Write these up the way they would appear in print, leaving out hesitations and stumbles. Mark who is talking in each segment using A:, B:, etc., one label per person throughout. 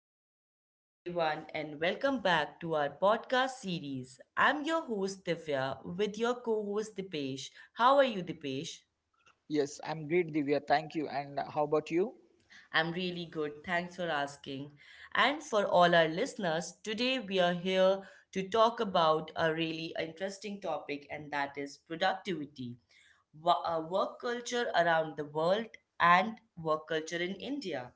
A: Good afternoon, everyone, and welcome back to our podcast series. I'm your host, Divya, with your co host, Dipesh. How are you, Dipesh?
B: Yes, I'm great, Divya. Thank you. And How about you?
A: I'm really good. Thanks for asking. And for all our listeners, today we are here to talk about a really interesting topic, and that is productivity, work culture around the world, and work culture in India.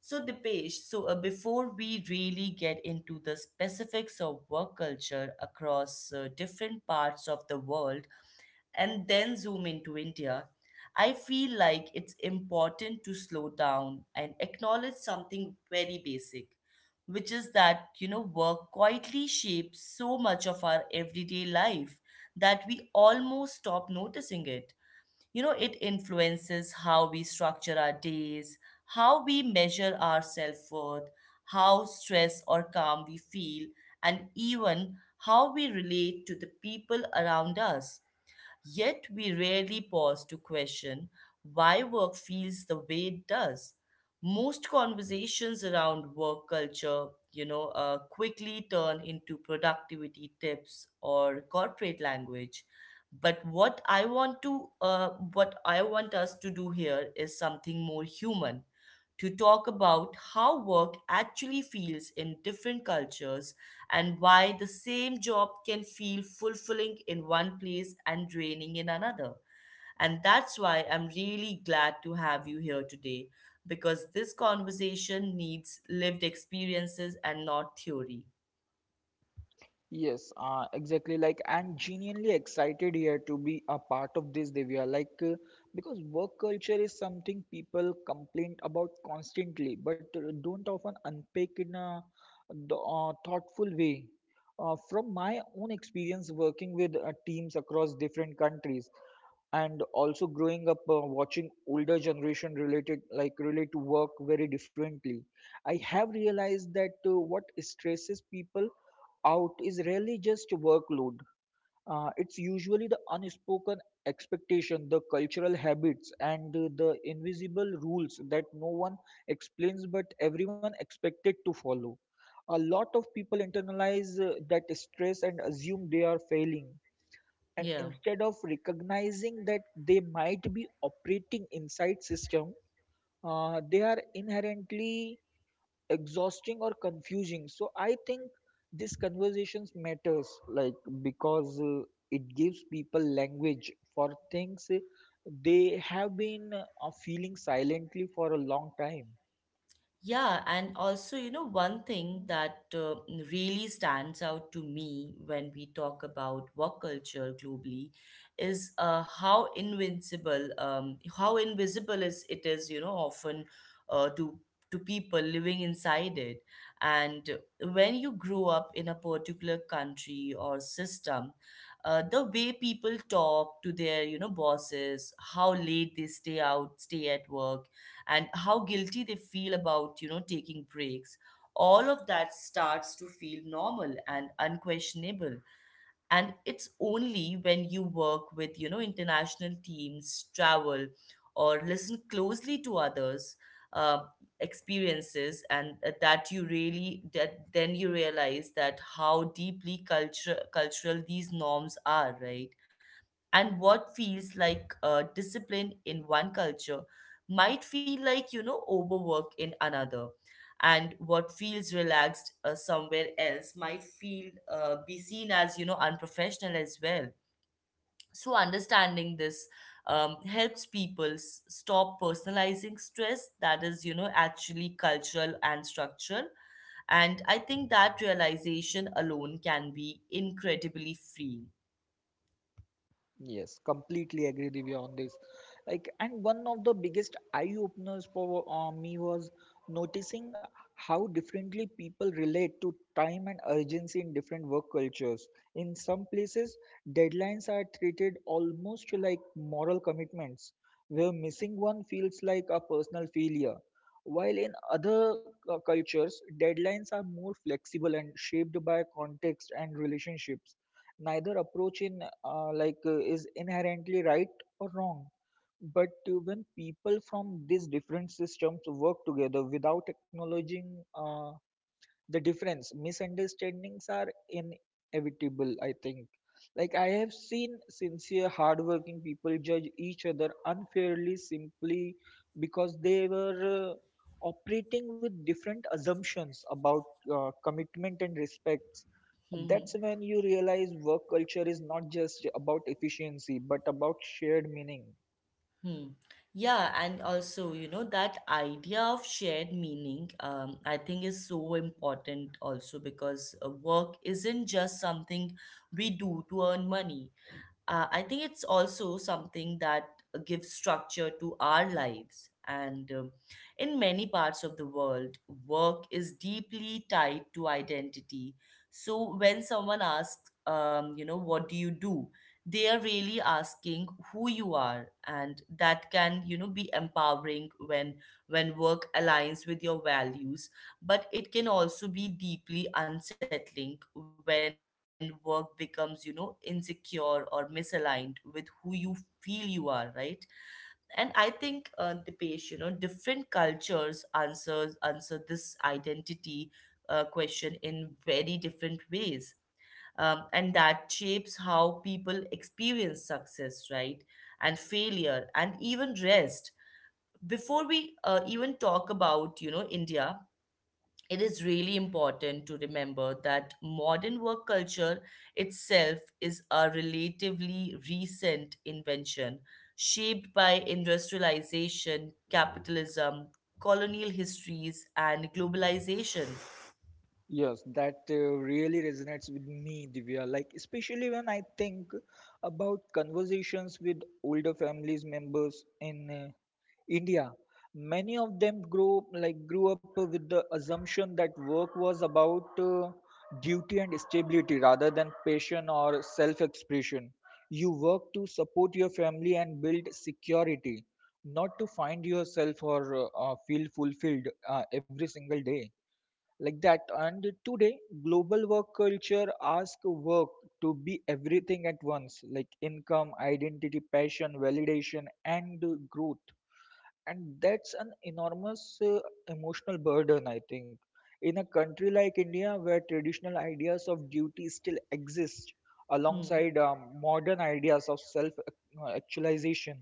A: So, Dipesh, before we really get into the specifics of work culture across different parts of the world, and then zoom into India, I feel like it's important to slow down and acknowledge something very basic, which is that, you know, work quietly shapes so much of our everyday life that we almost stop noticing it. You know, it influences how we structure our days, how we measure our self worth, how stressed or calm we feel, and even how we relate to the people around us. Yet we rarely pause to question why work feels the way it does. Most conversations around work culture, quickly turn into productivity tips or corporate language. But what I want us to do here is something more human to talk about how work actually feels in different cultures and why the same job can feel fulfilling in one place and draining in another. And that's why I'm really glad to have you here today because this conversation needs lived experiences and not theory.
B: Yes, exactly. Like, I'm genuinely excited here to be a part of this, Divya. Because work culture is something people complain about constantly, but don't often unpack in a thoughtful way. From my own experience working with teams across different countries, and also growing up watching older generation relate to work very differently. I have realized that what stresses people out is rarely just workload. It's usually the unspoken expectation, the cultural habits, and the invisible rules that no one explains but everyone expected to follow. A lot of people internalize that stress and assume they are failing, and
A: Yeah.
B: instead of recognizing that they might be operating inside system they are inherently exhausting or confusing. So I think this conversations matters, because it gives people language for things they have been feeling silently for a long time.
A: Yeah, and also, you know, one thing that really stands out to me when we talk about work culture globally is how invisible is it is, you know, often uh, to to people living inside it. And when you grow up in a particular country or system, the way people talk to their, you know, bosses, how late they stay out, stay at work, and how guilty they feel about, you know, taking breaks. All of that starts to feel normal and unquestionable, and it's only when you work with, you know, international teams, travel, or listen closely to others, uh, experiences, and that you really that then you realize that how deeply culture cultural these norms are, right? And what feels like discipline in one culture might feel like, you know, overwork in another. And what feels relaxed somewhere else might feel be seen as, you know, unprofessional as well. So understanding this, helps people stop personalizing stress that is, you know, actually cultural and structural. And I think that realization alone can be incredibly freeing.
B: Yes, completely agree with you on this. Like, and one of the biggest eye openers for me was noticing how differently people relate to time and urgency in different work cultures. In some places, deadlines are treated almost like moral commitments, where missing one feels like a personal failure. While in other cultures, deadlines are more flexible and shaped by context and relationships. Neither approach in like is inherently right or wrong, but when people from these different systems work together without acknowledging the difference, misunderstandings are inevitable, I think. Like, I have seen sincere hardworking people judge each other unfairly simply because they were operating with different assumptions about commitment and respects. That's when you realize work culture is not just about efficiency but about shared meaning.
A: Hmm. Yeah, and also, you know, that idea of shared meaning, I think is so important also because work isn't just something we do to earn money. I think it's also something that gives structure to our lives. And in many parts of the world, work is deeply tied to identity. So when someone asks, you know, what do you do? They are really asking who you are, and that can, you know, be empowering when work aligns with your values, but it can also be deeply unsettling when work becomes, you know, insecure or misaligned with who you feel you are, right? And I think you know, different cultures answer this identity question in very different ways. And that shapes how people experience success, right? And failure, and even rest, before we even talk about, you know, India. It is really important to remember that modern work culture itself is a relatively recent invention, shaped by industrialization, capitalism, colonial histories, and globalization.
B: Yes, that really resonates with me, Divya. Like, especially when I think about conversations with older families members in India. Many of them grow like grew up with the assumption that work was about duty and stability rather than passion or self-expression. You work to support your family and build security, not to find yourself or feel fulfilled every single day like that. And today, global work culture asks work to be everything at once, like income, identity, passion, validation, and growth. And that's an enormous emotional burden, I think. In a country like India, where traditional ideas of duty still exist
A: Hmm.
B: alongside modern ideas of self actualization,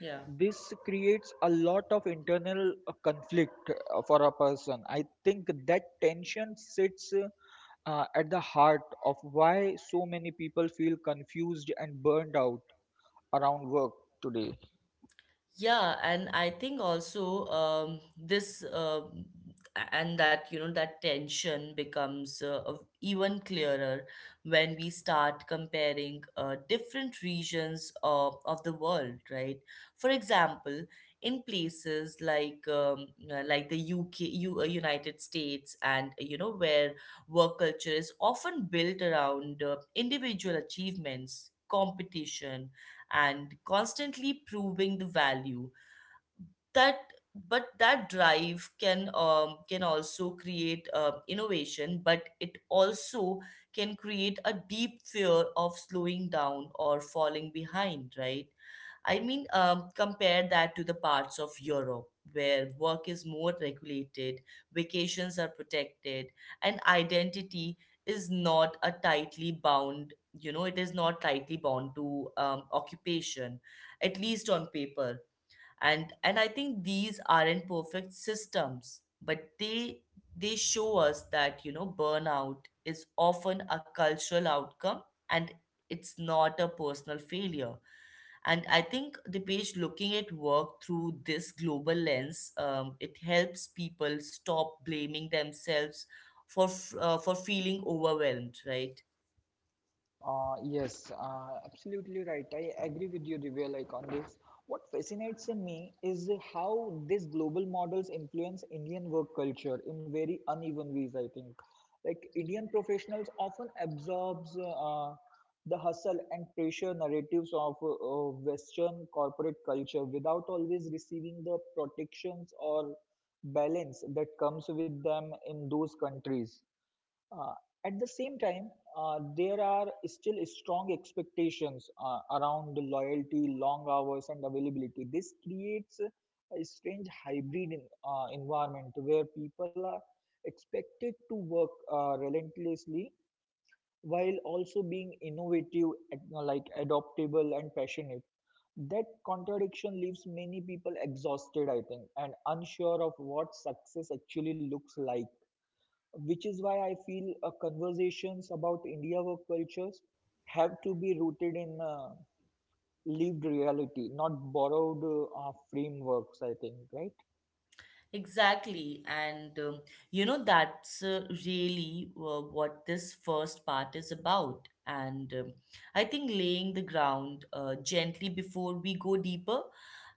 A: Yeah.
B: this creates a lot of internal conflict for a person. I think that tension sits at the heart of why so many people feel confused and burned out around work today.
A: Yeah, and I think also this and that you know that tension becomes even clearer when we start comparing different regions of the world, right? For example, in places like the UK, United States, and you know, where work culture is often built around individual achievements, competition, and constantly proving the value that but that drive can also create innovation, but it also can create a deep fear of slowing down or falling behind, right? Compare that to the parts of Europe where work is more regulated, vacations are protected, and identity is not a tightly bound you know, it is not tightly bound to occupation, at least on paper. And I think these aren't perfect systems, but they show us that, you know, burnout is often a cultural outcome, and it's not a personal failure. And I think the page looking at work through this global lens, it helps people stop blaming themselves for feeling overwhelmed, right?
B: Yes, absolutely right. I agree with you, Divya, like on this. What fascinates me is how these global models influence Indian work culture in very uneven ways, I think. Like, Indian professionals often absorbs the hustle and pressure narratives of Western corporate culture without always receiving the protections or balance that comes with them in those countries. uh, at the same time, there are still strong expectations around loyalty, long hours, and availability. This creates a strange hybrid environment where people are expected to work relentlessly while also being innovative, adaptable, and passionate. That contradiction leaves many people exhausted, I think, and unsure of what success actually looks like, which is why I feel conversations about India work cultures have to be rooted in lived reality, not borrowed frameworks, I think, right?
A: Exactly. And you know, that's really what this first part is about. And I think laying the ground gently before we go deeper.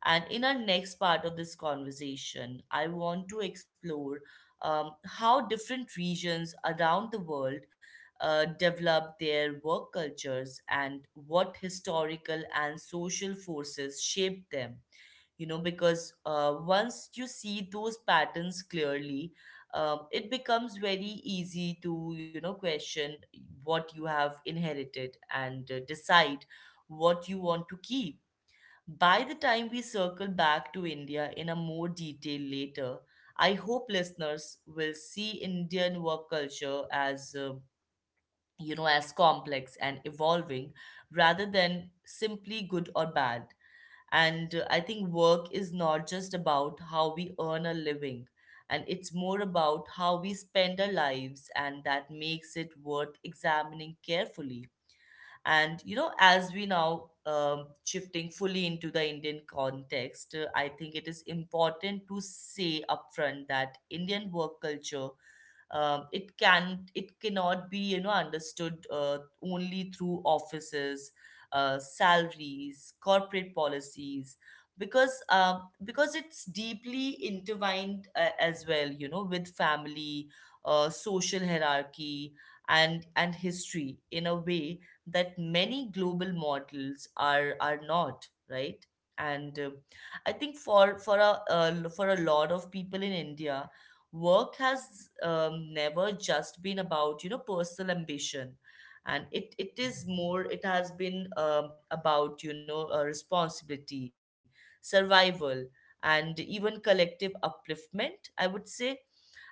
A: And in our next part of this conversation, I want to explore how different regions around the world develop their work cultures and what historical and social forces shape them, you know, because once you see those patterns clearly, it becomes very easy to, you know, question what you have inherited and decide what you want to keep. By the time we circle back to India in a more detail later, I hope listeners will see Indian work culture as you know, as complex and evolving rather than simply good or bad. And I think work is not just about how we earn a living, and it's more about how we spend our lives, and that makes it worth examining carefully. And you know, as we now shifting fully into the Indian context, I think it is important to say upfront that Indian work culture, it cannot be, you know, understood only through offices, salaries, corporate policies, because it's deeply intertwined as well, you know, with family, social hierarchy, and history, in a way that many global models are not, right? And I think for a lot of people in India, work has, never just been about, you know, personal ambition, and it is more, it has been, about, you know, responsibility, survival, and even collective upliftment, I would say.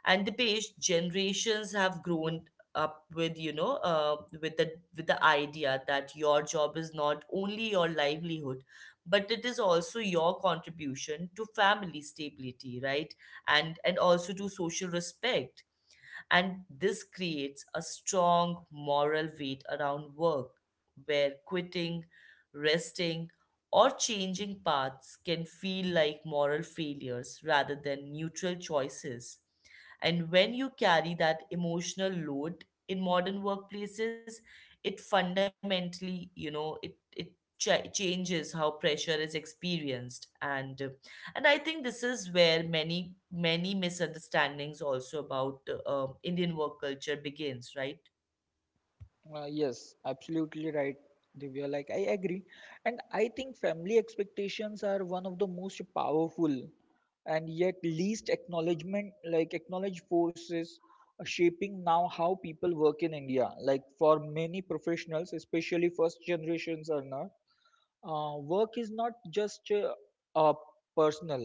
A: And the page generations have grown
B: Yeah.
A: up with, you know, with the with the idea that your job is not only your livelihood, but it is also your contribution to family stability, right? And also to social respect. And this creates a strong moral weight around work, where quitting, resting, or changing paths can feel like moral failures rather than neutral choices. And when you carry that emotional load in modern workplaces, it fundamentally, you know, it changes how pressure is experienced. And I think this is where many misunderstandings also about Indian work culture begins, right?
B: Yes, absolutely right, Divya. Like, I agree. And I think family expectations are one of the most powerful and yet least acknowledged forces shaping now how people work in India. Like, for many professionals, especially first generations earners, work is not just uh, personal,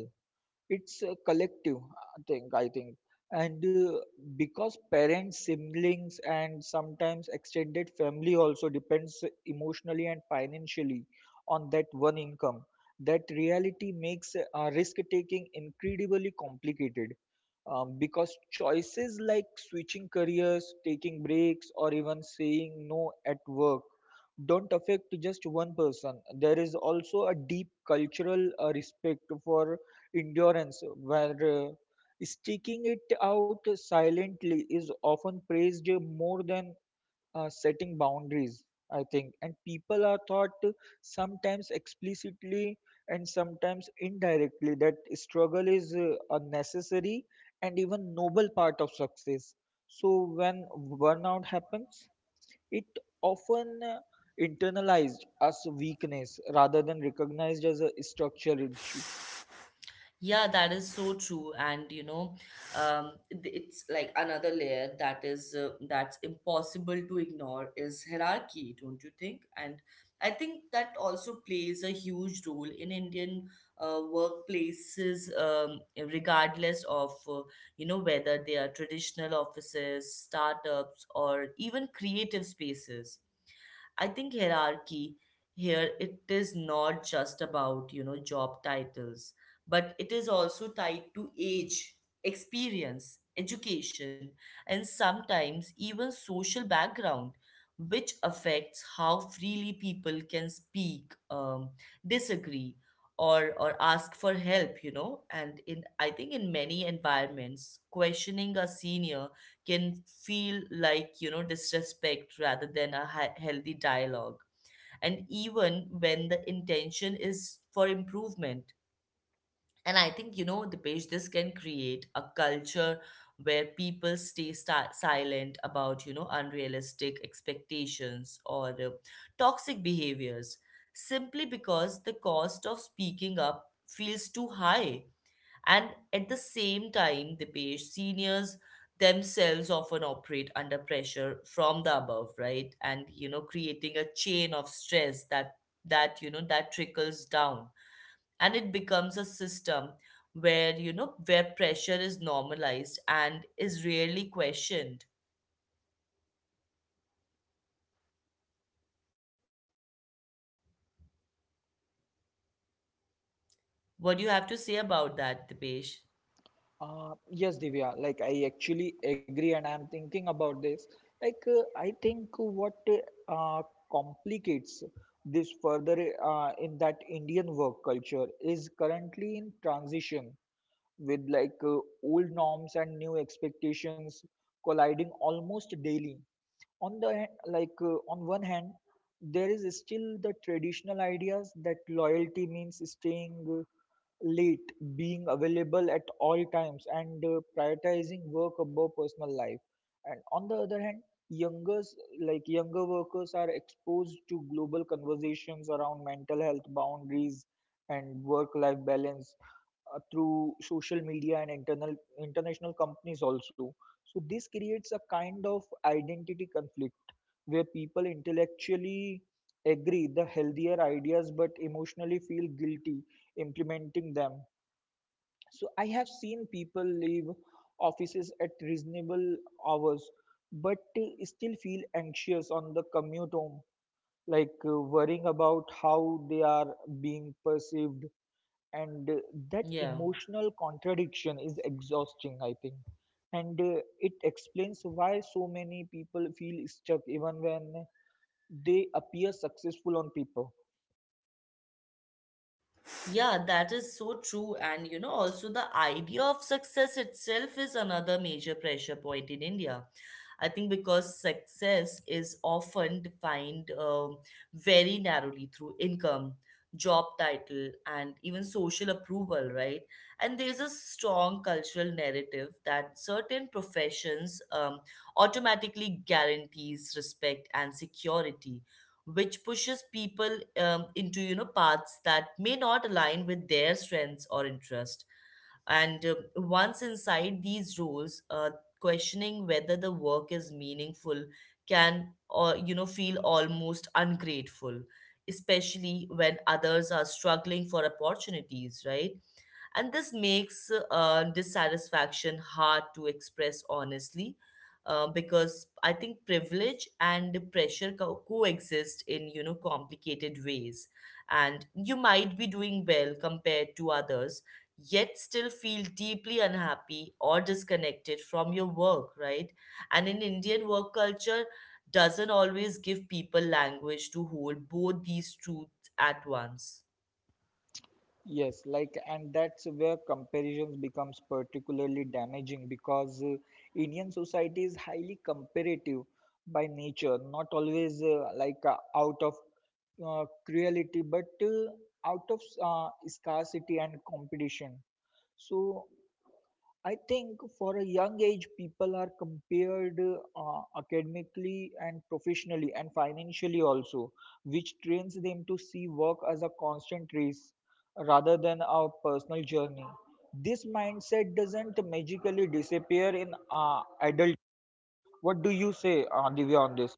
B: it's a collective, I think. And because parents, siblings, and sometimes extended family also depends emotionally and financially on that one income, that reality makes risk taking incredibly complicated, because choices like switching careers, taking breaks, or even saying no at work don't affect just one person. There is also a deep cultural respect for endurance, where sticking it out silently is often praised more than setting boundaries, I think. And people are taught, to sometimes explicitly and sometimes indirectly, that struggle is a necessary and even noble part of success. So when burnout happens, it often internalized as weakness rather than recognized as a structural issue.
A: Yeah, that is so true. And you know, it's like another layer that is that's impossible to ignore is hierarchy, don't you think? And I think that also plays a huge role in Indian workplaces, regardless of you know, whether they are traditional offices, startups, or even creative spaces. I think hierarchy here, it is not just about, you know, job titles, but it is also tied to age, experience, education, and sometimes even social background, which affects how freely people can speak, disagree, or ask for help, you know. And in I think in many environments, questioning a senior can feel like, you know, disrespect rather than a healthy dialogue, and even when the intention is for improvement. And I think, you know, the page this can create a culture where people stay silent about, you know, unrealistic expectations or toxic behaviors, simply because the cost of speaking up feels too high. And at the same time, Dipesh, seniors themselves often operate under pressure from the above, right? And you know, creating a chain of stress that that you know, that trickles down. And it becomes a system where, you know, where pressure is normalized and is rarely questioned. What do you have to say about that, Dipesh?
B: Yes, Divya, like I actually agree, and I'm thinking about this. I think what uh, complicates this further in that Indian work culture is currently in transition with old norms and new expectations colliding almost daily. On one hand, there is still the traditional ideas that loyalty means staying late, being available at all times, and prioritizing work above personal life. And on the other hand, youngers younger workers are exposed to global conversations around mental health boundaries and work-life balance through social media and internal international companies also. So this creates a kind of identity conflict where people intellectually agree the healthier ideas but emotionally feel guilty implementing them. So I have seen people leave offices at reasonable hours, but still feel anxious on the commute home, worrying about how they are being perceived. And that
A: Yeah.
B: emotional contradiction is exhausting, I think. And it explains why so many people feel stuck even when they appear successful on paper.
A: Yeah, that is so true. And you know, also the idea of success itself is another major pressure point in India. I think because success is often defined very narrowly through income, job title, and even social approval, right? And there's a strong cultural narrative that certain professions automatically guarantees respect and security, which pushes people into paths that may not align with their strengths or interest. And once inside these roles, questioning whether the work is meaningful can or feel almost ungrateful, especially when others are struggling for opportunities, right? And this makes dissatisfaction hard to express honestly, because I think privilege and pressure coexist in complicated ways. And you might be doing well compared to others, yet still feel deeply unhappy or disconnected from your work, right? And in Indian work culture doesn't always give people language to hold both these truths at once.
B: Yes, like, and that's where comparisons becomes particularly damaging because Indian society is highly comparative by nature, not always out of cruelty, but out of scarcity and competition. So I think for a young age, people are compared academically and professionally and financially also, which trains them to see work as a constant race rather than a personal journey. This mindset doesn't magically disappear in adult. What do you say, Divya, on this?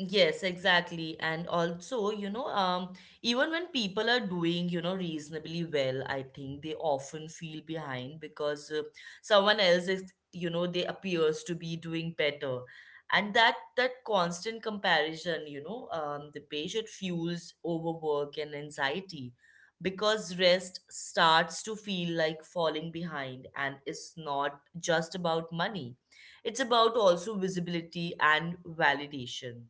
A: Yes, exactly. And also, you know, even when people are doing, you know, reasonably well, I think they often feel behind because someone else is, you know, they appears to be doing better. And that constant comparison, you know, the patient fuels overwork and anxiety, because rest starts to feel like falling behind, and it's not just about money. It's about also visibility and validation.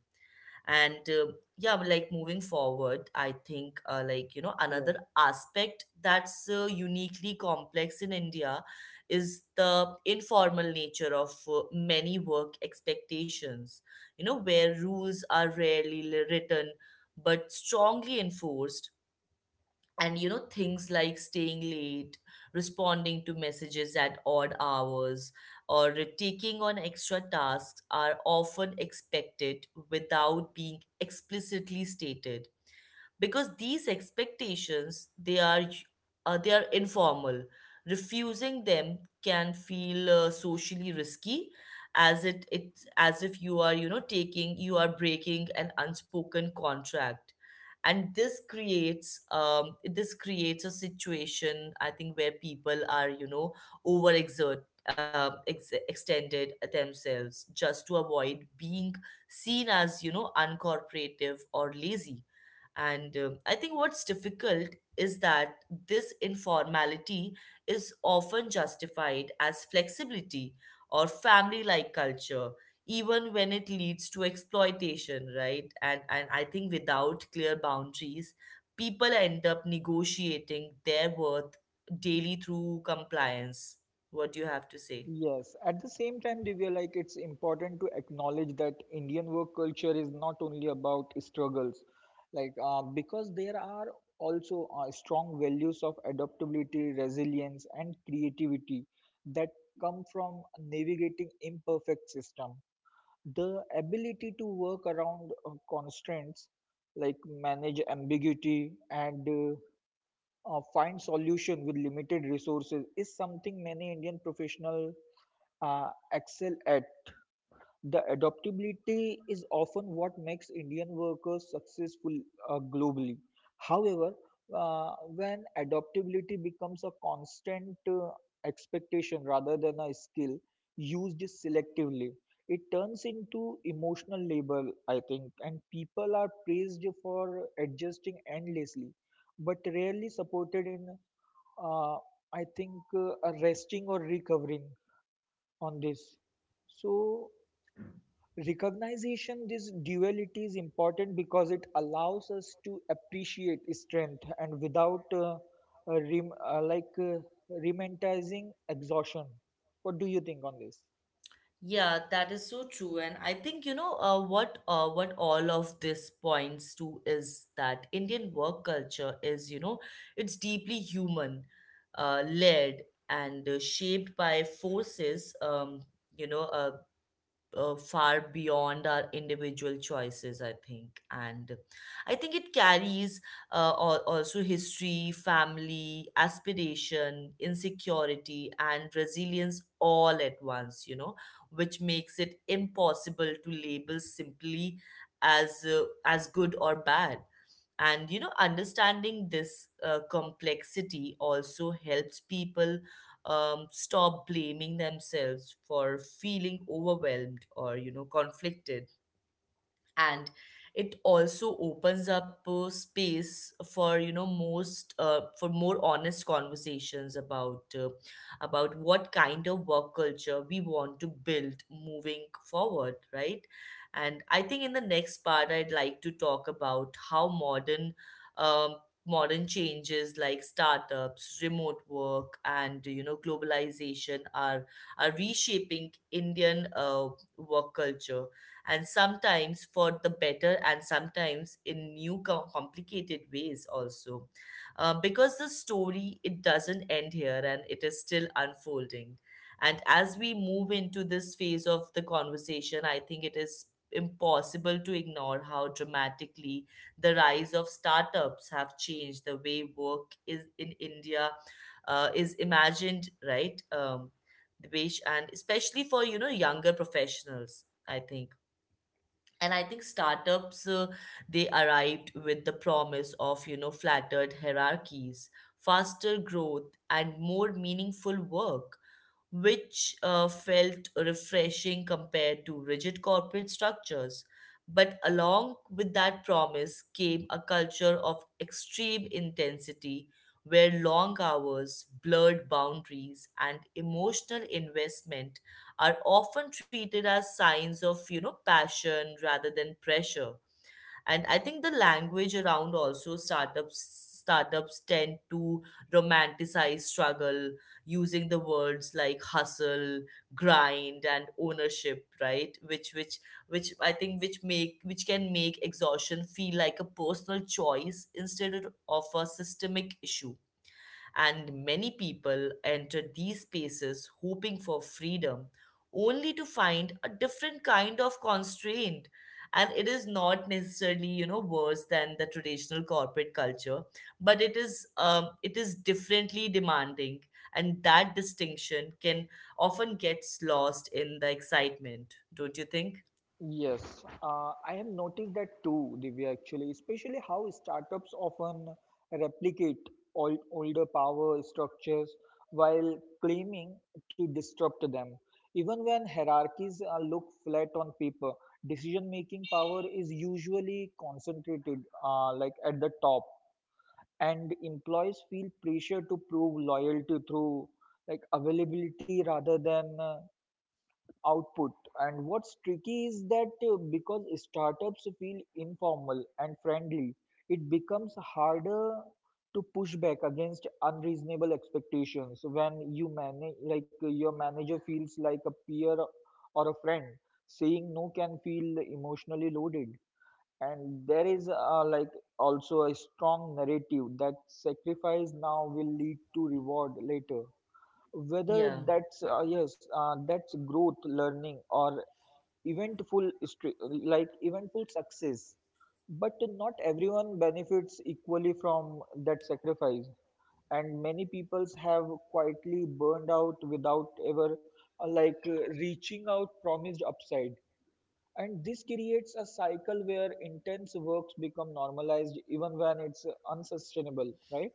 A: And yeah, but like moving forward, I think like, you know, another aspect that's uniquely complex in India is the informal nature of many work expectations, you know, where rules are rarely written but strongly enforced. And you know, things like staying late, responding to messages at odd hours, or taking on extra tasks are often expected without being explicitly stated. Because these expectations, they are they are informal, refusing them can feel socially risky, as it's as if you are, you know, taking, you are breaking an unspoken contract. And this creates, this creates a situation, I think, where people are, you know, overexert, extended themselves just to avoid being seen as, you know, uncooperative or lazy. And I think what's difficult is that this informality is often justified as flexibility or family like culture, even when it leads to exploitation, right? And I think without clear boundaries, people end up negotiating their worth daily through compliance. What do you have to say?
B: Yes, at the same time, Divya, like it's important to acknowledge that Indian work culture is not only about struggles, because there are also strong values of adaptability, resilience, and creativity that come from navigating imperfect system. The ability to work around constraints, like manage ambiguity, and find solution with limited resources, is something many Indian professional excel at. The adaptability is often what makes Indian workers successful globally. However, when adaptability becomes a constant expectation rather than a skill used selectively, it turns into emotional labor, I think, and people are praised for adjusting endlessly, but rarely supported in, uh, I think, a resting or recovering on this. So, recognition, this duality is important because it allows us to appreciate strength and without uh, rem- uh, like uh, romanticizing exhaustion. What do you think on this?
A: Yeah, that is so true. And I think, you know, what all of this points to is that Indian work culture is, you know, it's deeply human, led and shaped by forces, you know, uh, far beyond our individual choices, I think. And I think it carries also history, family, aspiration, insecurity, and resilience all at once, you know, which makes it impossible to label simply as good or bad. And you know, understanding this complexity also helps people stop blaming themselves for feeling overwhelmed or, you know, conflicted. And it also opens up space for, you know most for more honest conversations about what kind of work culture we want to build moving forward, right? And I think in the next part, I'd like to talk about how modern um, modern changes like startups, remote work, and you know, globalization are reshaping Indian work culture, and sometimes for the better and sometimes in new complicated ways also. Because the story, it doesn't end here, and it is still unfolding. And as we move into this phase of the conversation, I think it is impossible to ignore how dramatically the rise of startups have changed the way work is in India, is imagined, right? Um, the and especially for, you know, younger professionals, I think. And I think startups, they arrived with the promise of, you know, flattered hierarchies, faster growth, and more meaningful work, which felt refreshing compared to rigid corporate structures. But along with that promise came a culture of extreme intensity, where long hours, blurred boundaries, and emotional investment are often treated as signs of, you know, passion rather than pressure. And I think the language around also startups tend to romanticize struggle, using the words like hustle, grind, and ownership, right? Which which which i think which make which can make exhaustion feel like a personal choice instead of a systemic issue. And many people enter these spaces hoping for freedom, only to find a different kind of constraint. And it is not necessarily, you know, worse than the traditional corporate culture, but it is, it is differently demanding, and that distinction can often gets lost in the excitement, don't you think?
B: Yes, I have noticed that too, Divya, actually, especially how startups often replicate older power structures while claiming to disrupt them. Even when hierarchies look flat on paper, decision making power is usually concentrated at the top, and employees feel pressure to prove loyalty through like availability rather than output. And what's tricky is that because startups feel informal and friendly, it becomes harder to push back against unreasonable expectations. When your manager feels like a peer or a friend, saying no can feel emotionally loaded. And there is also a strong narrative that sacrifice now will lead to reward later, whether
A: Yeah.
B: that's that's growth, learning, or eventful stre- like eventful success. But not everyone benefits equally from that sacrifice, and many peoples have quietly burned out without ever reaching out promised upside. And this creates a cycle where intense works become normalized even when it's unsustainable, right?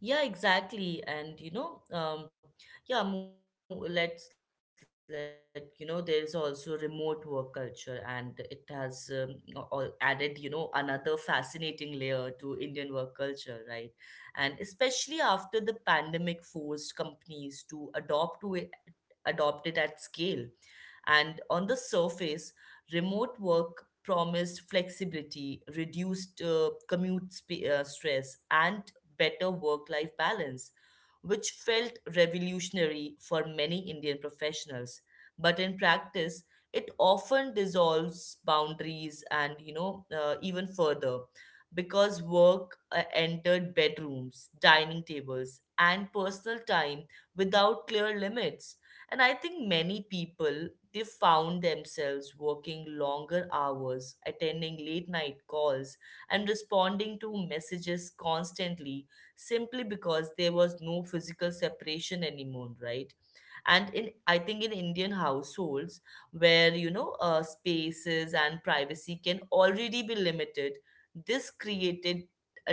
A: Yeah, exactly. And you know, yeah, let's, let you know, there is also remote work culture, and it has added, you know, another fascinating layer to Indian work culture, right? And especially after the pandemic forced companies to adopt to it, adopt it at scale. And on the surface, remote work promised flexibility, reduced commute stress, and better work-life balance, which felt revolutionary for many Indian professionals. But in practice, it often dissolves boundaries and, you know, even further, because work entered bedrooms, dining tables, and personal time without clear limits. And I think many people, they found themselves working longer hours, attending late night calls, and responding to messages constantly, simply because there was no physical separation anymore, right? And in, I think in Indian households, where, you know, spaces and privacy can already be limited, this created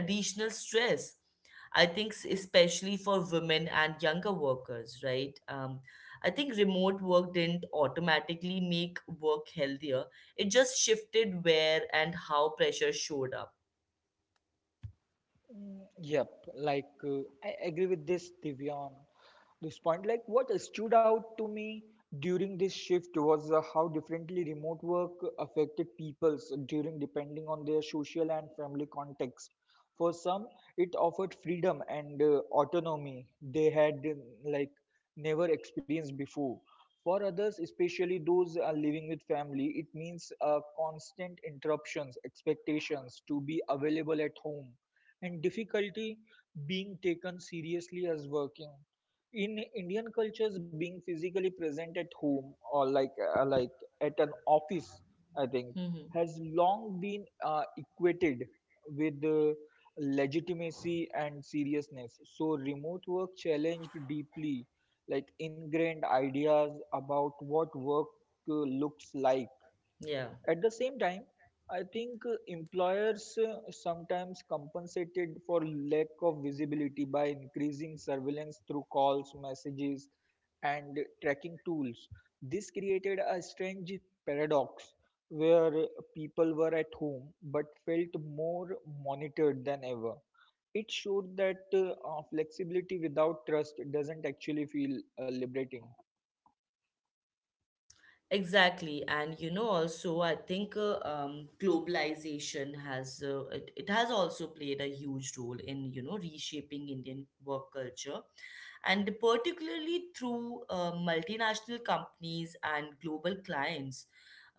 A: additional stress, I think, especially for women and younger workers, right? I think remote work didn't automatically make work healthier, it just shifted where and how pressure showed up.
B: Mm, yep, I agree with this, Divyan this point. Like, what stood out to me during this shift was how differently remote work affected peoples during depending on their social and family context. For some, it offered freedom and autonomy they had like never experienced before. For others, especially those living with family, it means constant interruptions, expectations to be available at home, and difficulty being taken seriously as working. In Indian cultures, being physically present at home or uh, like at an office, I think,
A: Hmm.
B: has long been equated with legitimacy and seriousness. So remote work challenged deeply ingrained ideas about what work looks like.
A: Yeah.
B: At the same time, I think employers sometimes compensated for lack of visibility by increasing surveillance through calls, messages, and tracking tools. This created a strange paradox where people were at home but felt more monitored than ever. It showed that flexibility without trust doesn't actually feel liberating.
A: Exactly, and you know, also I think globalization has it, it has also played a huge role in, you know, reshaping Indian work culture, and particularly through multinational companies and global clients.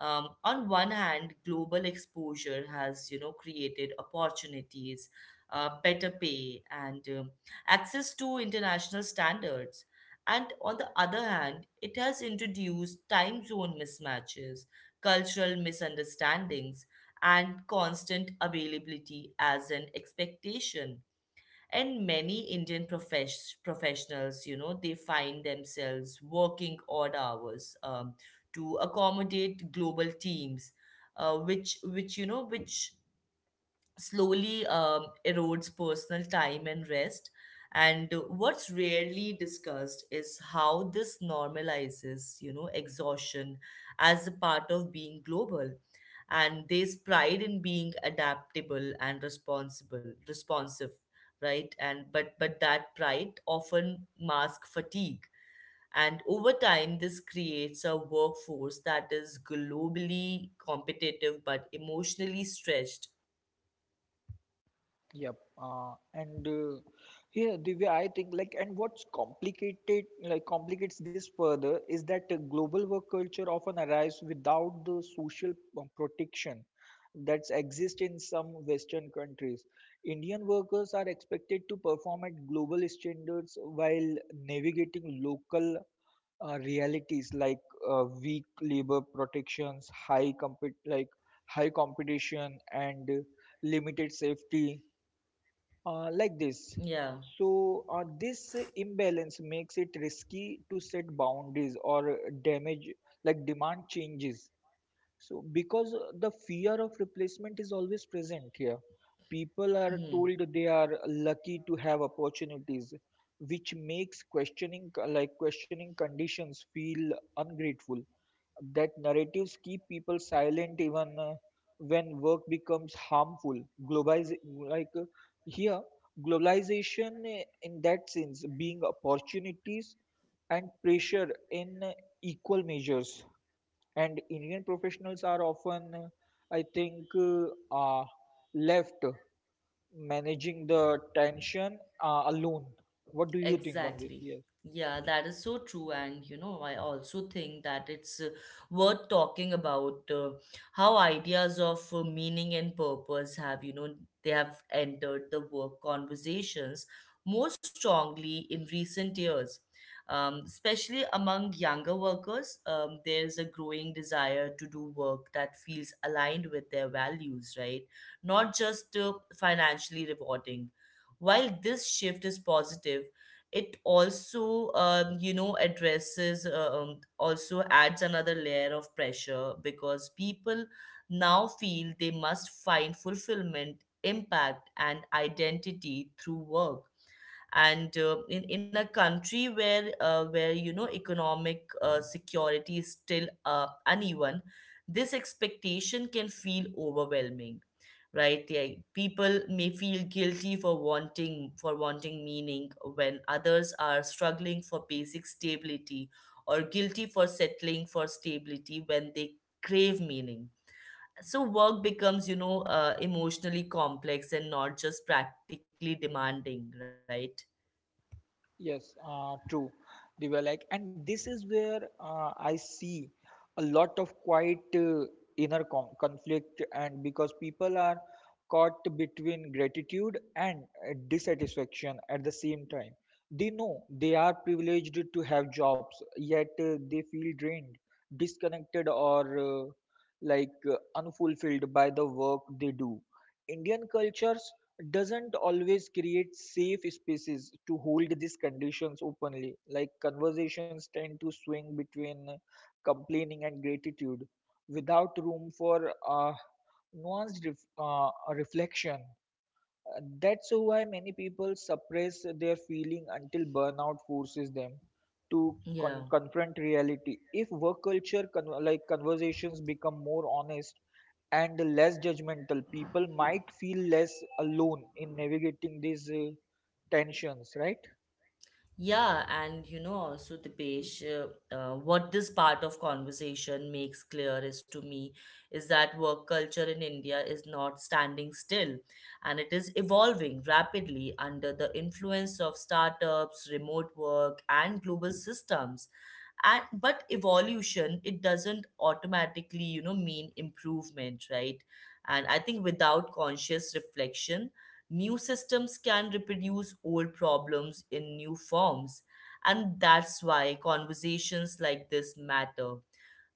A: On one hand, global exposure has, you know, created opportunities, better pay, and access to international standards. And on the other hand, it has introduced time zone mismatches, cultural misunderstandings, and constant availability as an expectation. And many Indian professionals, you know, they find themselves working odd hours to accommodate global teams, which you know which slowly erodes personal time and rest. And what's rarely discussed is how this normalizes, you know, exhaustion as a part of being global. And there's pride in being adaptable and responsible, responsive, right? And but that pride often masks fatigue. And over time, this creates a workforce that is globally competitive but emotionally stretched.
B: Yep. And yeah, Divya, I think like, and what's complicates this further is that global work culture often arrives without the social protection that's exist in some Western countries. Indian workers are expected to perform at global standards while navigating local realities like weak labor protections, high competition, and limited safety uh, like
A: Yeah.
B: this. So, this imbalance makes it risky to set boundaries or damage, like demand changes. So, because the fear of replacement is always present here, people are
A: Hmm.
B: told they are lucky to have opportunities, which makes questioning conditions, feel ungrateful. That narratives keep people silent even when work becomes harmful. Globalize like here Globalization, in that sense, being opportunities and pressure in equal measures, and indian professionals are often I think left managing the tension alone. What do you think on this?
A: Exactly.
B: Yes
A: Yeah, that is so true. And, you know, I also think that it's worth talking about how ideas of meaning and purpose have, you know, they have entered the work conversations more strongly in recent years. Especially among younger workers, there's a growing desire to do work that feels aligned with their values, right? Not just financially rewarding. While this shift is positive, it also you know, addresses also adds another layer of pressure, because people now feel they must find fulfillment, impact, and identity through work. And in a country where, where, you know, economic security is still uneven, this expectation can feel overwhelming, right? Yeah, people may feel guilty for wanting meaning when others are struggling for basic stability, or guilty for settling for stability when they crave meaning. So work becomes, you know, emotionally complex and not just practically demanding, right?
B: Yes, True. They were like, and this is where I see a lot of quiet inner conflict, and because people are caught between gratitude and dissatisfaction at the same time. They know they are privileged to have jobs, yet they feel drained, disconnected, or unfulfilled by the work they do. Indian cultures doesn't always create safe spaces to hold these conditions openly. Like, conversations tend to swing between complaining and gratitude without room for nuanced reflection. That's why many people suppress their feeling until burnout forces them to
A: Yeah.
B: confront reality. If work culture, conversations, become more honest and less judgmental, people might feel less alone in navigating these tensions, right?
A: Yeah, and you know, also the page, what this part of conversation makes clear is to me is that work culture in India is not standing still, and it is evolving rapidly under the influence of startups, remote work, and global systems. And but evolution, it doesn't automatically, you know, mean improvement, right? And I think without conscious reflection, new systems can reproduce old problems in new forms. And that's why conversations like this matter,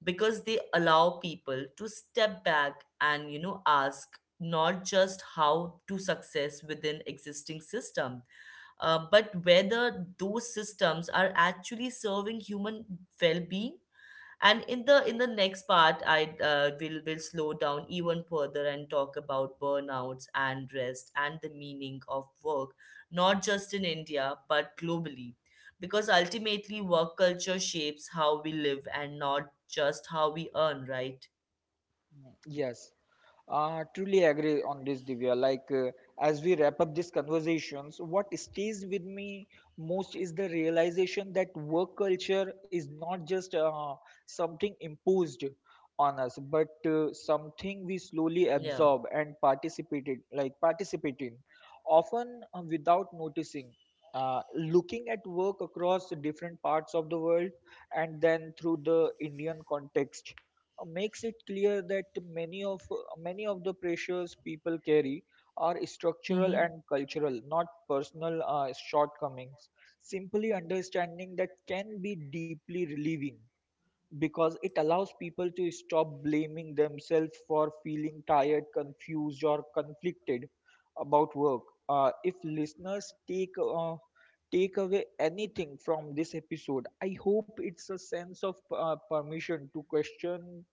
A: because they allow people to step back and, you know, ask not just how to success within existing system, but whether those systems are actually serving human well-being. And in the next part, I will slow down even further and talk about burnouts and rest and the meaning of work, not just in India but globally, because ultimately work culture shapes how we live and not just how we earn, right?
B: Yes, truly agree on this, Divya. As we wrap up these conversations, what stays with me most is the realization that work culture is not just something imposed on us, but something we
A: Yeah.
B: slowly absorb and participate in, often without noticing. Looking at work across different parts of the world and then through the Indian context makes it clear that many of many of the pressures people carry are structural
A: Mm-hmm.
B: and cultural, not personal shortcomings. Simply understanding that can be deeply relieving because it allows people to stop blaming themselves for feeling tired, confused, or conflicted about work. If listeners take away anything from this episode, I hope it's a sense of permission to question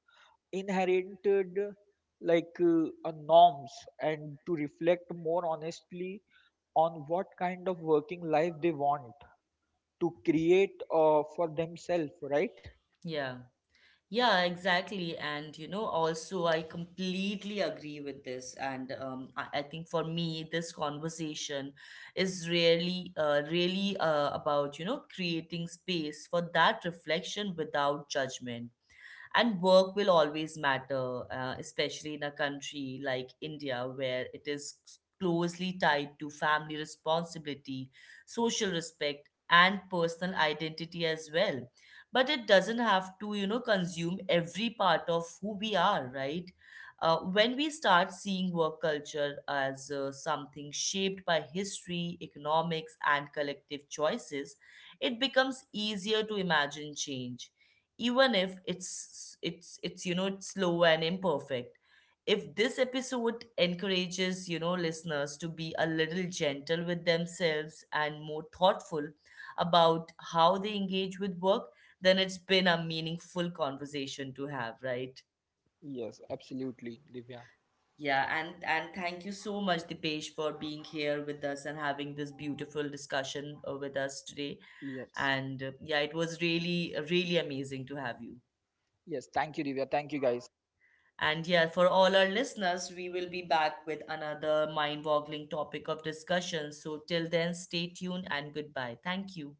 B: inherited like a norms and to reflect more honestly on what kind of working life they want to create for themselves, right?
A: Yeah. Yeah, exactly. And you know, also, I completely agree with this. And I think for me, this conversation is really, really about, you know, creating space for that reflection without judgment. And work will always matter, especially in a country like India, where it is closely tied to family responsibility, social respect, and personal identity as well. But it doesn't have to, you know, consume every part of who we are, right? When we start seeing work culture as something shaped by history, economics, and collective choices, it becomes easier to imagine change, even if it's it's you know, it's slow and imperfect. If this episode encourages, you know, listeners to be a little gentle with themselves and more thoughtful about how they engage with work, then it's been a meaningful conversation to have, right?
B: Yes, absolutely, Divya.
A: Yeah. And thank you so much, Dipesh, for being here with us and having this beautiful discussion with us today.
B: Yes.
A: And yeah, it was really, really amazing to have you.
B: Yes, thank you, Divya. Thank you, guys.
A: And yeah, for all our listeners, we will be back with another mind boggling topic of discussion. So till then, stay tuned and goodbye. Thank you.